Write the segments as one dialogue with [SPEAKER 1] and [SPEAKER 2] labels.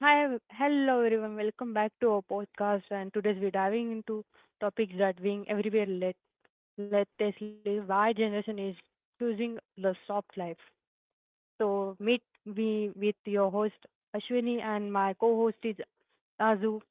[SPEAKER 1] Hello everyone. Welcome back to our podcast. And today we're diving into topics that being everywhere let lately. Why generation is choosing the soft life. So meet me with your host Ashwini and my co-host is Azu.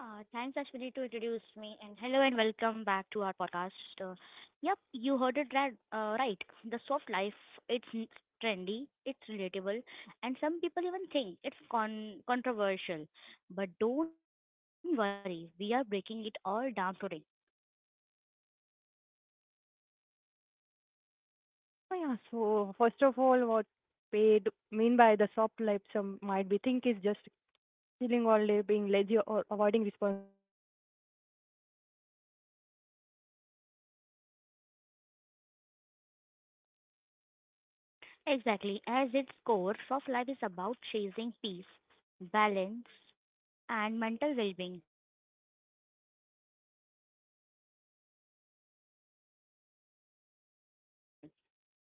[SPEAKER 2] Thanks, Ashwini, to introduce me. And hello and welcome back to our podcast. Uh, yep, you heard it right. Right. The soft life, it's n- trendy, it's relatable, and some people even think it's controversial. But don't worry, we are breaking it all down today.
[SPEAKER 1] Oh yeah, so first of all, what paid mean by the soft life? Some might be think is just chilling all day, being lazy or avoiding responsibility, but way more than that.
[SPEAKER 2] Exactly. As its core, soft life is about chasing peace, balance, and mental well-being. It's about creating a life that feels good, not just one that look good or make you stressed all the time.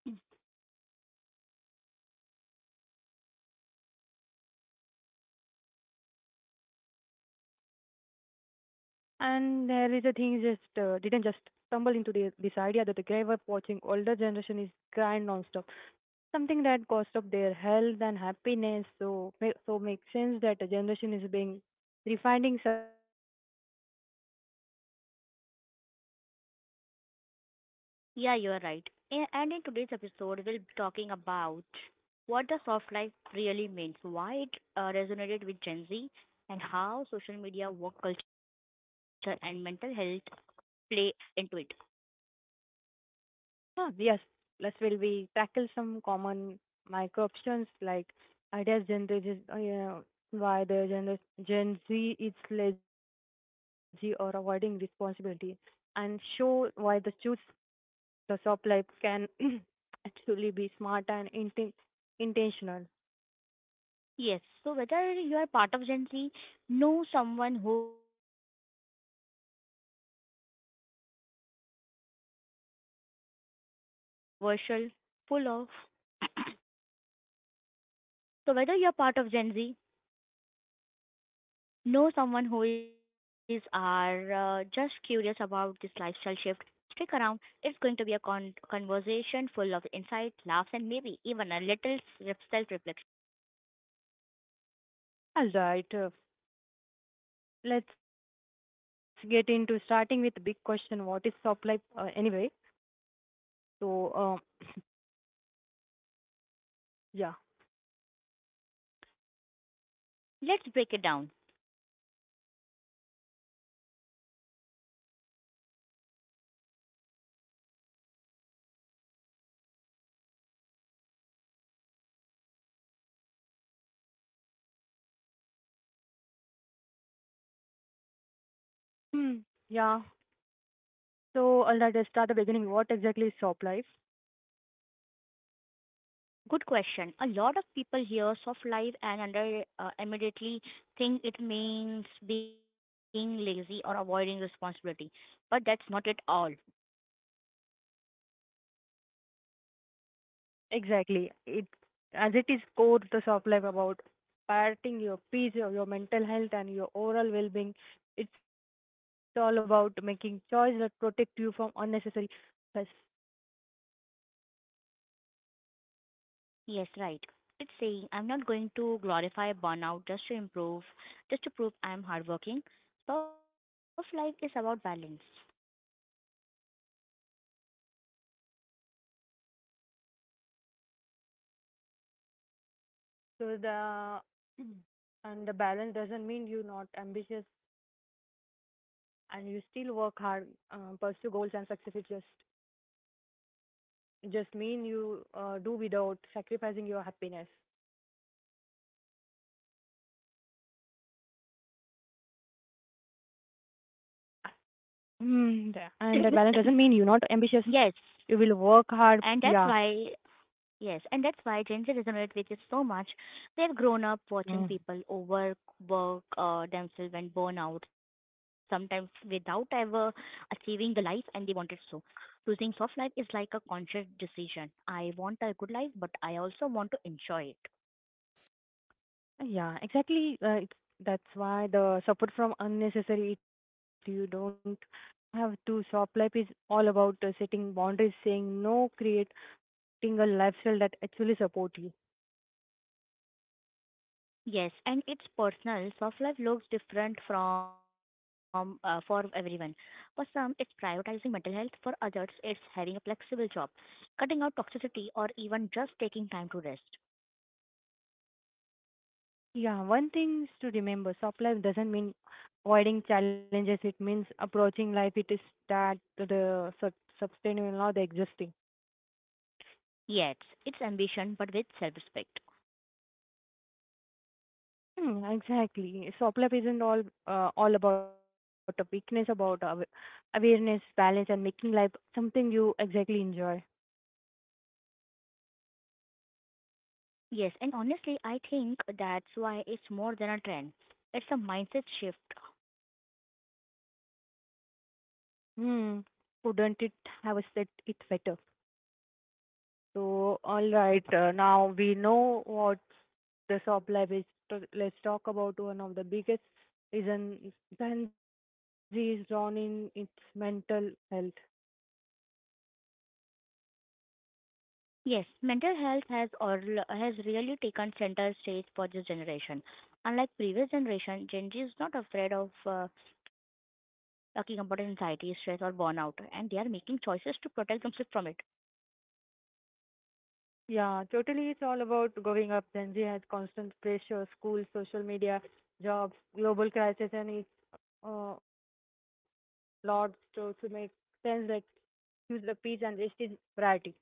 [SPEAKER 1] And there is a thing just didn't just stumble into this idea that the grave up watching older generation is grind nonstop, something that cost up their health and happiness. So so makes sense that a generation is being refining success their over terms.
[SPEAKER 2] Yeah, you're right. And in today's episode, we'll be talking about what the soft life really means, why it resonated with Gen Z, and how social media, work culture, and mental health play into it.
[SPEAKER 1] Huh, yes, plus will we tackle some common micro-options like ideas generated yeah, by the Gen Z is lazy or avoiding responsibility and show why the choose the shop life can actually be smart and intentional.
[SPEAKER 2] Yes, so whether you are part of Gen Z, know someone who is, or are just curious about this lifestyle shift, it, stick around. It's going to be controversial, full of. So, whether you're part of Gen Z, know someone who is, or just curious about this lifestyle shift, stick around. It's going to be a conversation full of insight, laughs, and maybe even a little self reflection.
[SPEAKER 1] All right, let's get into starting with the big question. What is shop life anyway? So, yeah.
[SPEAKER 2] Let's break it down.
[SPEAKER 1] Hmm, yeah. So, all right, let's start the beginning. What exactly is shop life?
[SPEAKER 2] Good question. A lot of people hear soft life and under immediately think it means being lazy or avoiding responsibility, but that's not at all.
[SPEAKER 1] Exactly. It as it is core to shop life about prioritizing your peace, your mental health, and your overall well-being. It's all about making choices that protect you from unnecessary stress.
[SPEAKER 2] Yes, right. It's saying I'm not going to glorify burnout just to prove I'm hardworking. Surf life is about balance.
[SPEAKER 1] So the and the balance doesn't mean you're not ambitious and you still work hard, pursue goals and success. It just mean you do without sacrificing your happiness. Mm, yeah. And
[SPEAKER 2] yes,
[SPEAKER 1] that balance doesn't mean you're not ambitious. You will work
[SPEAKER 2] and that's
[SPEAKER 1] hard.
[SPEAKER 2] why
[SPEAKER 1] Yeah.
[SPEAKER 2] yes, and that's why Gen Z resonate with it so much. They have grown up watching people
[SPEAKER 1] Mm.
[SPEAKER 2] overwork themselves and burn out, sometimes without ever achieving the life and they wanted so. Choosing soft life is like a conscious decision. I want a good life, but I also want to enjoy it.
[SPEAKER 1] Yeah, exactly. That's why the support from unnecessary, it, you don't have to. Shop life is all about setting boundaries, saying no, creating a lifestyle that actually support you.
[SPEAKER 2] Yes, and it's personal. Soft life looks different from for everyone. For some, it's prioritizing mental health. For others, it's having a flexible job, cutting out toxicity, or even just taking time to rest.
[SPEAKER 1] Yeah, one thing is to remember, soft life doesn't mean avoiding challenges. It means approaching life. It is that the sustainable, not the existing.
[SPEAKER 2] Yes, it's ambition, but with self-respect.
[SPEAKER 1] Hmm, exactly. SOPLAP isn't all about a weakness, about awareness, balance, and making life something you exactly enjoy.
[SPEAKER 2] Yes, and honestly, I think that's why it's more than a trend. It's a mindset shift.
[SPEAKER 1] Hmm, couldn't it have said it better? So, all right, now we know what the SOPLAP is. So let's talk about one of the biggest reasons Gen Z is drawn in its mental health.
[SPEAKER 2] Yes, mental health has really taken center stage for this generation. Unlike previous generation, Gen Z is not afraid of talking about anxiety, stress, or burnout, and they are making choices to protect themselves from it.
[SPEAKER 1] Yeah, totally. It's all about going up. Gen Z has constant pressure, school, social media, jobs, global crisis, and it's uh, lots to make sense that use the peace and rest is priority.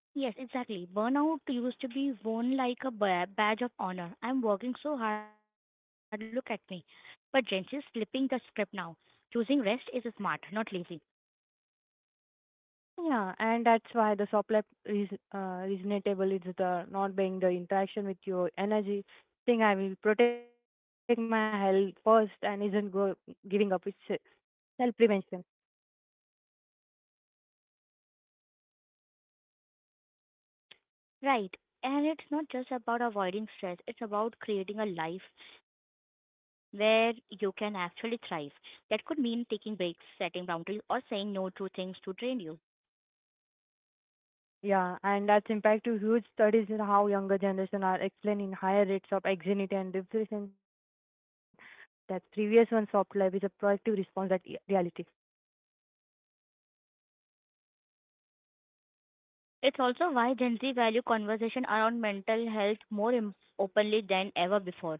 [SPEAKER 2] Yes, exactly. Burnout used to be worn like a badge of honor. I'm working so hard, look at me. But Gen Z is flipping the script now. Choosing rest is smart, not lazy.
[SPEAKER 1] Yeah, and that's why the supply is reasonable. It's the not being the interaction with your energy thing. I will protect my health first and isn't go giving up. It's self prevention.
[SPEAKER 2] Right. And it's not just about avoiding stress, it's about creating a life where you can actually thrive. That could mean taking breaks, setting boundaries, or saying no to things to drain you.
[SPEAKER 1] Yeah, and that's impact to huge studies in how younger generation are explaining higher rates of anxiety and depression that previous one soft life is a proactive response that reality.
[SPEAKER 2] It's also why Gen Z value conversation around mental health more openly than ever before.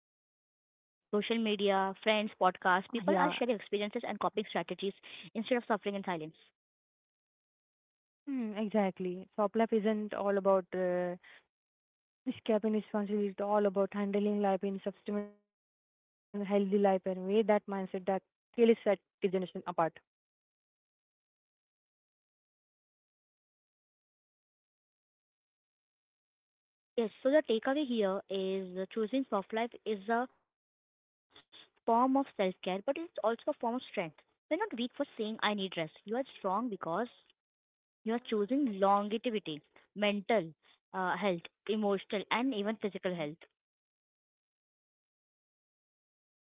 [SPEAKER 2] Social media, friends, podcasts, people
[SPEAKER 1] Yeah,
[SPEAKER 2] are sharing experiences and coping strategies instead of suffering in silence.
[SPEAKER 1] mm, exactly. Soft life isn't all about escaping responsibility. It's all about handling life in subsequent healthy life and way that mindset that really set this generation apart.
[SPEAKER 2] Yes, so the takeaway here is choosing soft life is a form of self care, but it's also a form of strength. You're not weak for saying I need rest. You are strong because you are choosing longevity, mental health, emotional, and even physical health.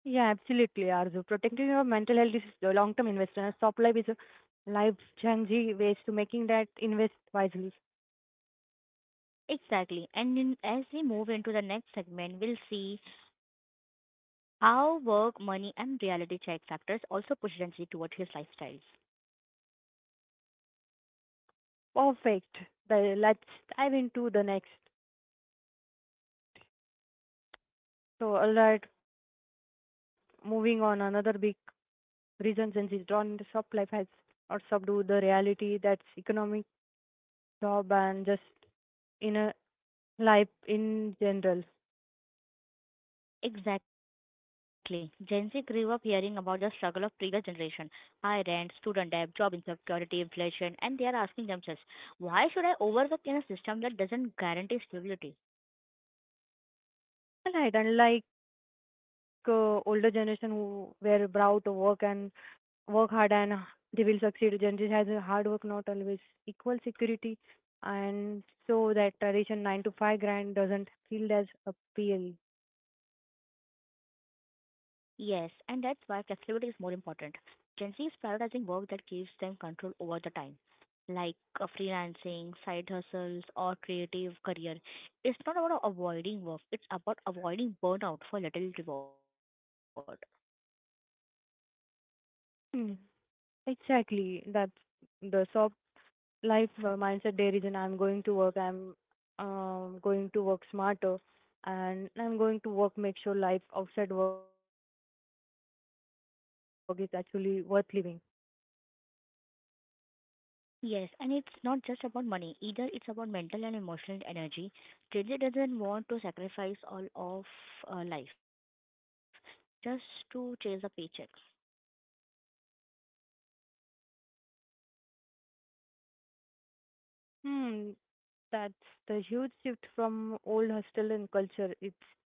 [SPEAKER 1] Yeah, absolutely, Arzu. Protecting your mental health is a long-term investment, and Stop Life is a life-changing ways to making that invest wisely.
[SPEAKER 2] Exactly. As we move into the next segment, we'll see how work, money, and reality check factors also push Gen Z toward his lifestyles.
[SPEAKER 1] Perfect. The, let's dive into the next. So, all right, moving on. Another big reason Gen Z is drawn into shop life has or subdue the reality that's economic, job, and just inner life in general.
[SPEAKER 2] Exactly. Gen Z grew up hearing about the struggle of previous generation. High rent, student debt, job insecurity, inflation, and they are asking themselves, why should I overwork in a system that doesn't guarantee stability?
[SPEAKER 1] All right, unlike older generation who were proud to work and work hard and they will succeed. Generally, has a hard work not always equal security, and so that tradition nine to five grind doesn't feel as appeal.
[SPEAKER 2] Yes, and that's why flexibility is more important. Gen Z is prioritizing work that gives them control over the time, like freelancing, side hustles, or creative career. It's not about avoiding work, it's about avoiding burnout for little reward.
[SPEAKER 1] Mm, exactly, that's the soft life mindset. There is, and I'm going to work. I'm going to work smarter, and I'm going to work. Make sure life outside work is actually worth living.
[SPEAKER 2] Yes, and it's not just about money either. It's about mental and emotional energy. JJ doesn't want to sacrifice all of life just to chase a paycheck.
[SPEAKER 1] Hmm. That's the huge shift from old hostel and culture. It's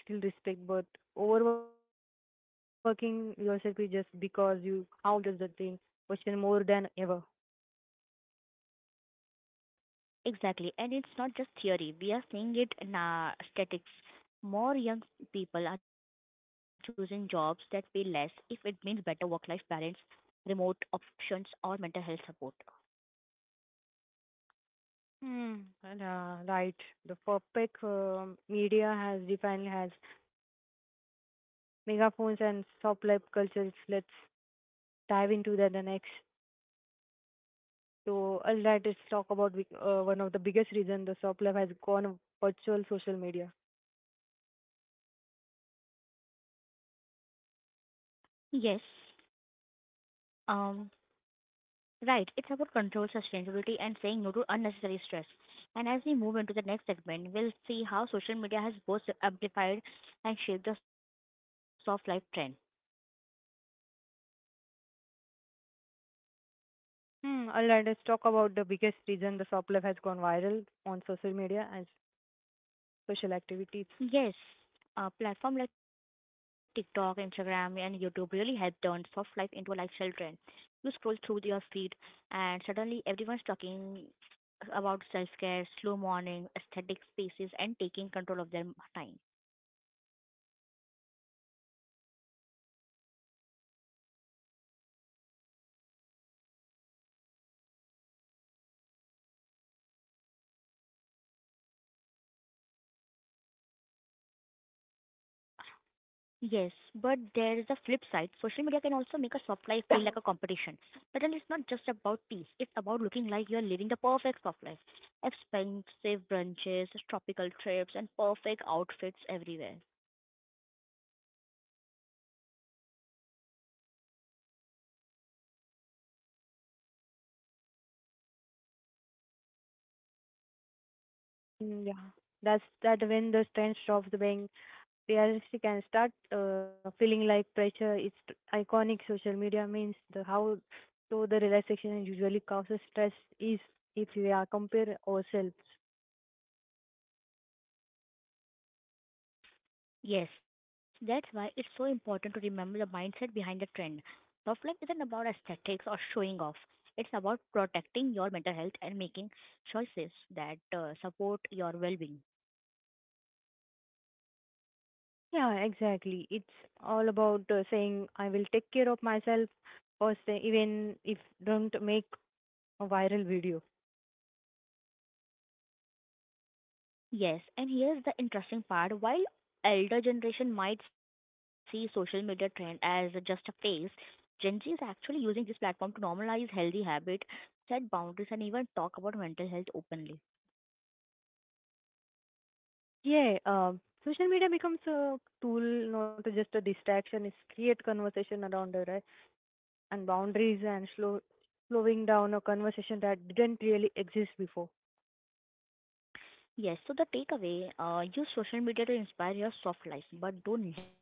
[SPEAKER 1] hard work still respect, but overworking yourself is just because you how does the thing question more than ever.
[SPEAKER 2] Exactly, and it's not just theory. We are seeing it in our statistics. More young people are choosing jobs that pay less if it means better work-life balance, remote options, or mental health support.
[SPEAKER 1] Hmm. And, right, the perfect media has defined has megaphones and soft life cultures. Let's dive into that the next. So, all right, let's talk about one of the biggest reason the soft life has gone virtual social media.
[SPEAKER 2] Yes. Um. Right. It's about control, sustainability, and saying no to unnecessary stress. And as we move into the next segment, we'll see how social media has both amplified and shaped the soft life trend.
[SPEAKER 1] Hmm, all right, let's talk about the biggest reason the soplife has gone viral on social media and social
[SPEAKER 2] Yes,
[SPEAKER 1] activities.
[SPEAKER 2] a platform like TikTok, Instagram, and YouTube really helped turn soft life into a lifestyle trend. You scroll through your feed, and suddenly everyone's talking about self care, slow morning, aesthetic spaces, and taking control of their time. Yes, but there is a flip side. Social media can also make a soft life feel like a competition. Suddenly, it's not just about peace, it's about looking like you're living the perfect soft life. Expensive brunches, tropical trips, and perfect outfits everywhere.
[SPEAKER 1] Mm, yeah, that's that when the trend stops being realistic and start feeling like pressure. It's iconic social media means the how so the relaxation usually causes stress is if we are compare ourselves.
[SPEAKER 2] Yes, that's why it's so important to remember the mindset behind the trend. Soft life isn't about aesthetics or showing off, it's about protecting your mental health and making choices that support your well being.
[SPEAKER 1] Yeah, exactly. It's all about saying I will take care of myself or say even if don't make a viral video.
[SPEAKER 2] Yes, and here's the interesting part. While elder generation might see social media trend as just a phase, Gen Z is actually using this platform to normalize healthy habit, set boundaries, and even talk about mental health openly.
[SPEAKER 1] Yeah, social media becomes a tool, not just a distraction. It's create conversation around it, right? And boundaries and slowing down a conversation that didn't really exist before.
[SPEAKER 2] Yes, so the takeaway: use social media to inspire your soft life, but don't let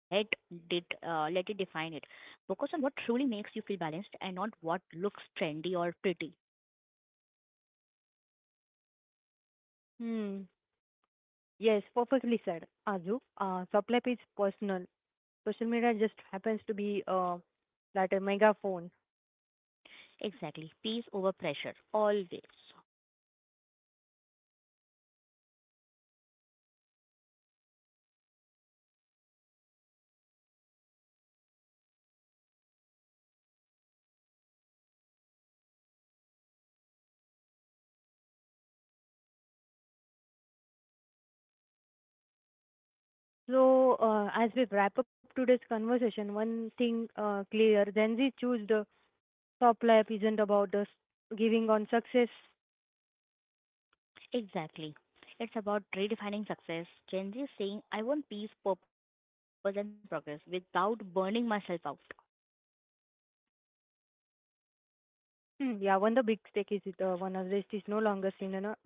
[SPEAKER 2] it let it define it. Focus on what truly makes you feel balanced, and not what looks trendy or pretty.
[SPEAKER 1] Hmm. Yes, perfectly said, Azu. Sublife is personal. Social media just happens to be like a megaphone.
[SPEAKER 2] Exactly, peace over pressure always.
[SPEAKER 1] So, as we wrap up today's conversation, one thing clear: Gen Z choose the top life isn't about us giving on success.
[SPEAKER 2] Exactly. It's about redefining success. Gen Z is saying, I want peace, purpose, and progress without burning myself out.
[SPEAKER 1] Hmm, yeah, one the big stake is one of rest is no longer seen you know, laziness.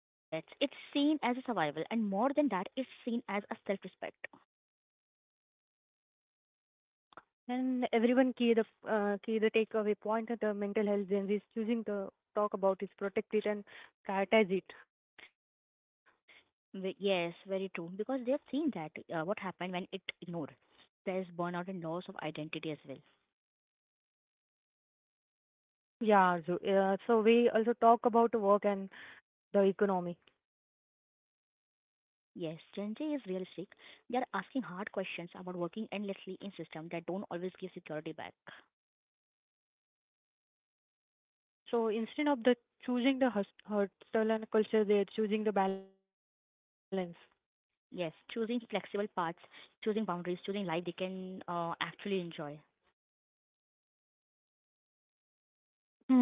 [SPEAKER 2] Yes, it's seen as a survival, and more than that, it's seen as a self respect.
[SPEAKER 1] And everyone key the takeaway point at the mental health Gen Z is choosing to talk about it, protect it and prioritize it.
[SPEAKER 2] Yes, very true. Because they've seen that what happened when it ignored. There's burnout and loss of identity as well.
[SPEAKER 1] Yeah, so, so we also talk about the work and the economy.
[SPEAKER 2] Yes, Gen Z is realistic. They are asking hard questions about working endlessly in systems that don't always give security back.
[SPEAKER 1] So instead of the choosing the hustle and culture, they're choosing the balance.
[SPEAKER 2] Yes, choosing flexible paths, choosing boundaries, choosing life they can actually enjoy.
[SPEAKER 1] Hmm.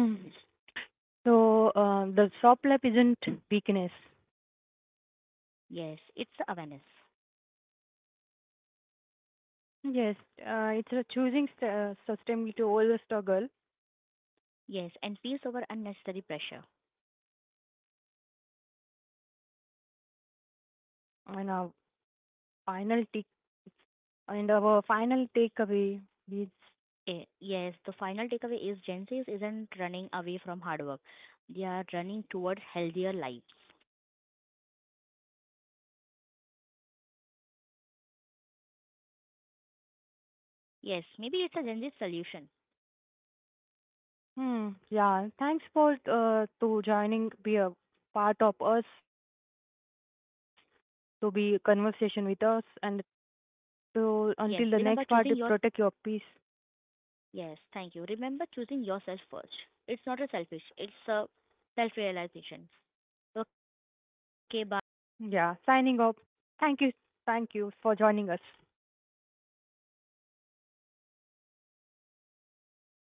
[SPEAKER 1] So the soft lap isn't weakness.
[SPEAKER 2] Yes, it's the awareness.
[SPEAKER 1] Yes, it's a choosing sustainability over the struggle
[SPEAKER 2] Yes, and peace over unnecessary pressure.
[SPEAKER 1] and our final take and our final takeaway is
[SPEAKER 2] Yes, the final takeaway is Gen Zs isn't running away from hard work. They are running towards healthier lives.
[SPEAKER 1] and it's maybe not Gen Z
[SPEAKER 2] Yes,
[SPEAKER 1] problem.
[SPEAKER 2] maybe it's a Gen Z solution.
[SPEAKER 1] Hmm. Yeah. Thanks for to joining, be a part of us, to be conversation with us, and
[SPEAKER 2] Yes,
[SPEAKER 1] to until
[SPEAKER 2] remember
[SPEAKER 1] the
[SPEAKER 2] choosing
[SPEAKER 1] next
[SPEAKER 2] your
[SPEAKER 1] part, protect your peace.
[SPEAKER 2] yes, thank you. Remember choosing yourself first. It's not a selfish, it's a self realization. Okay, bye. Signing off.
[SPEAKER 1] Yeah. Signing off. Thank you. Thank you for joining us.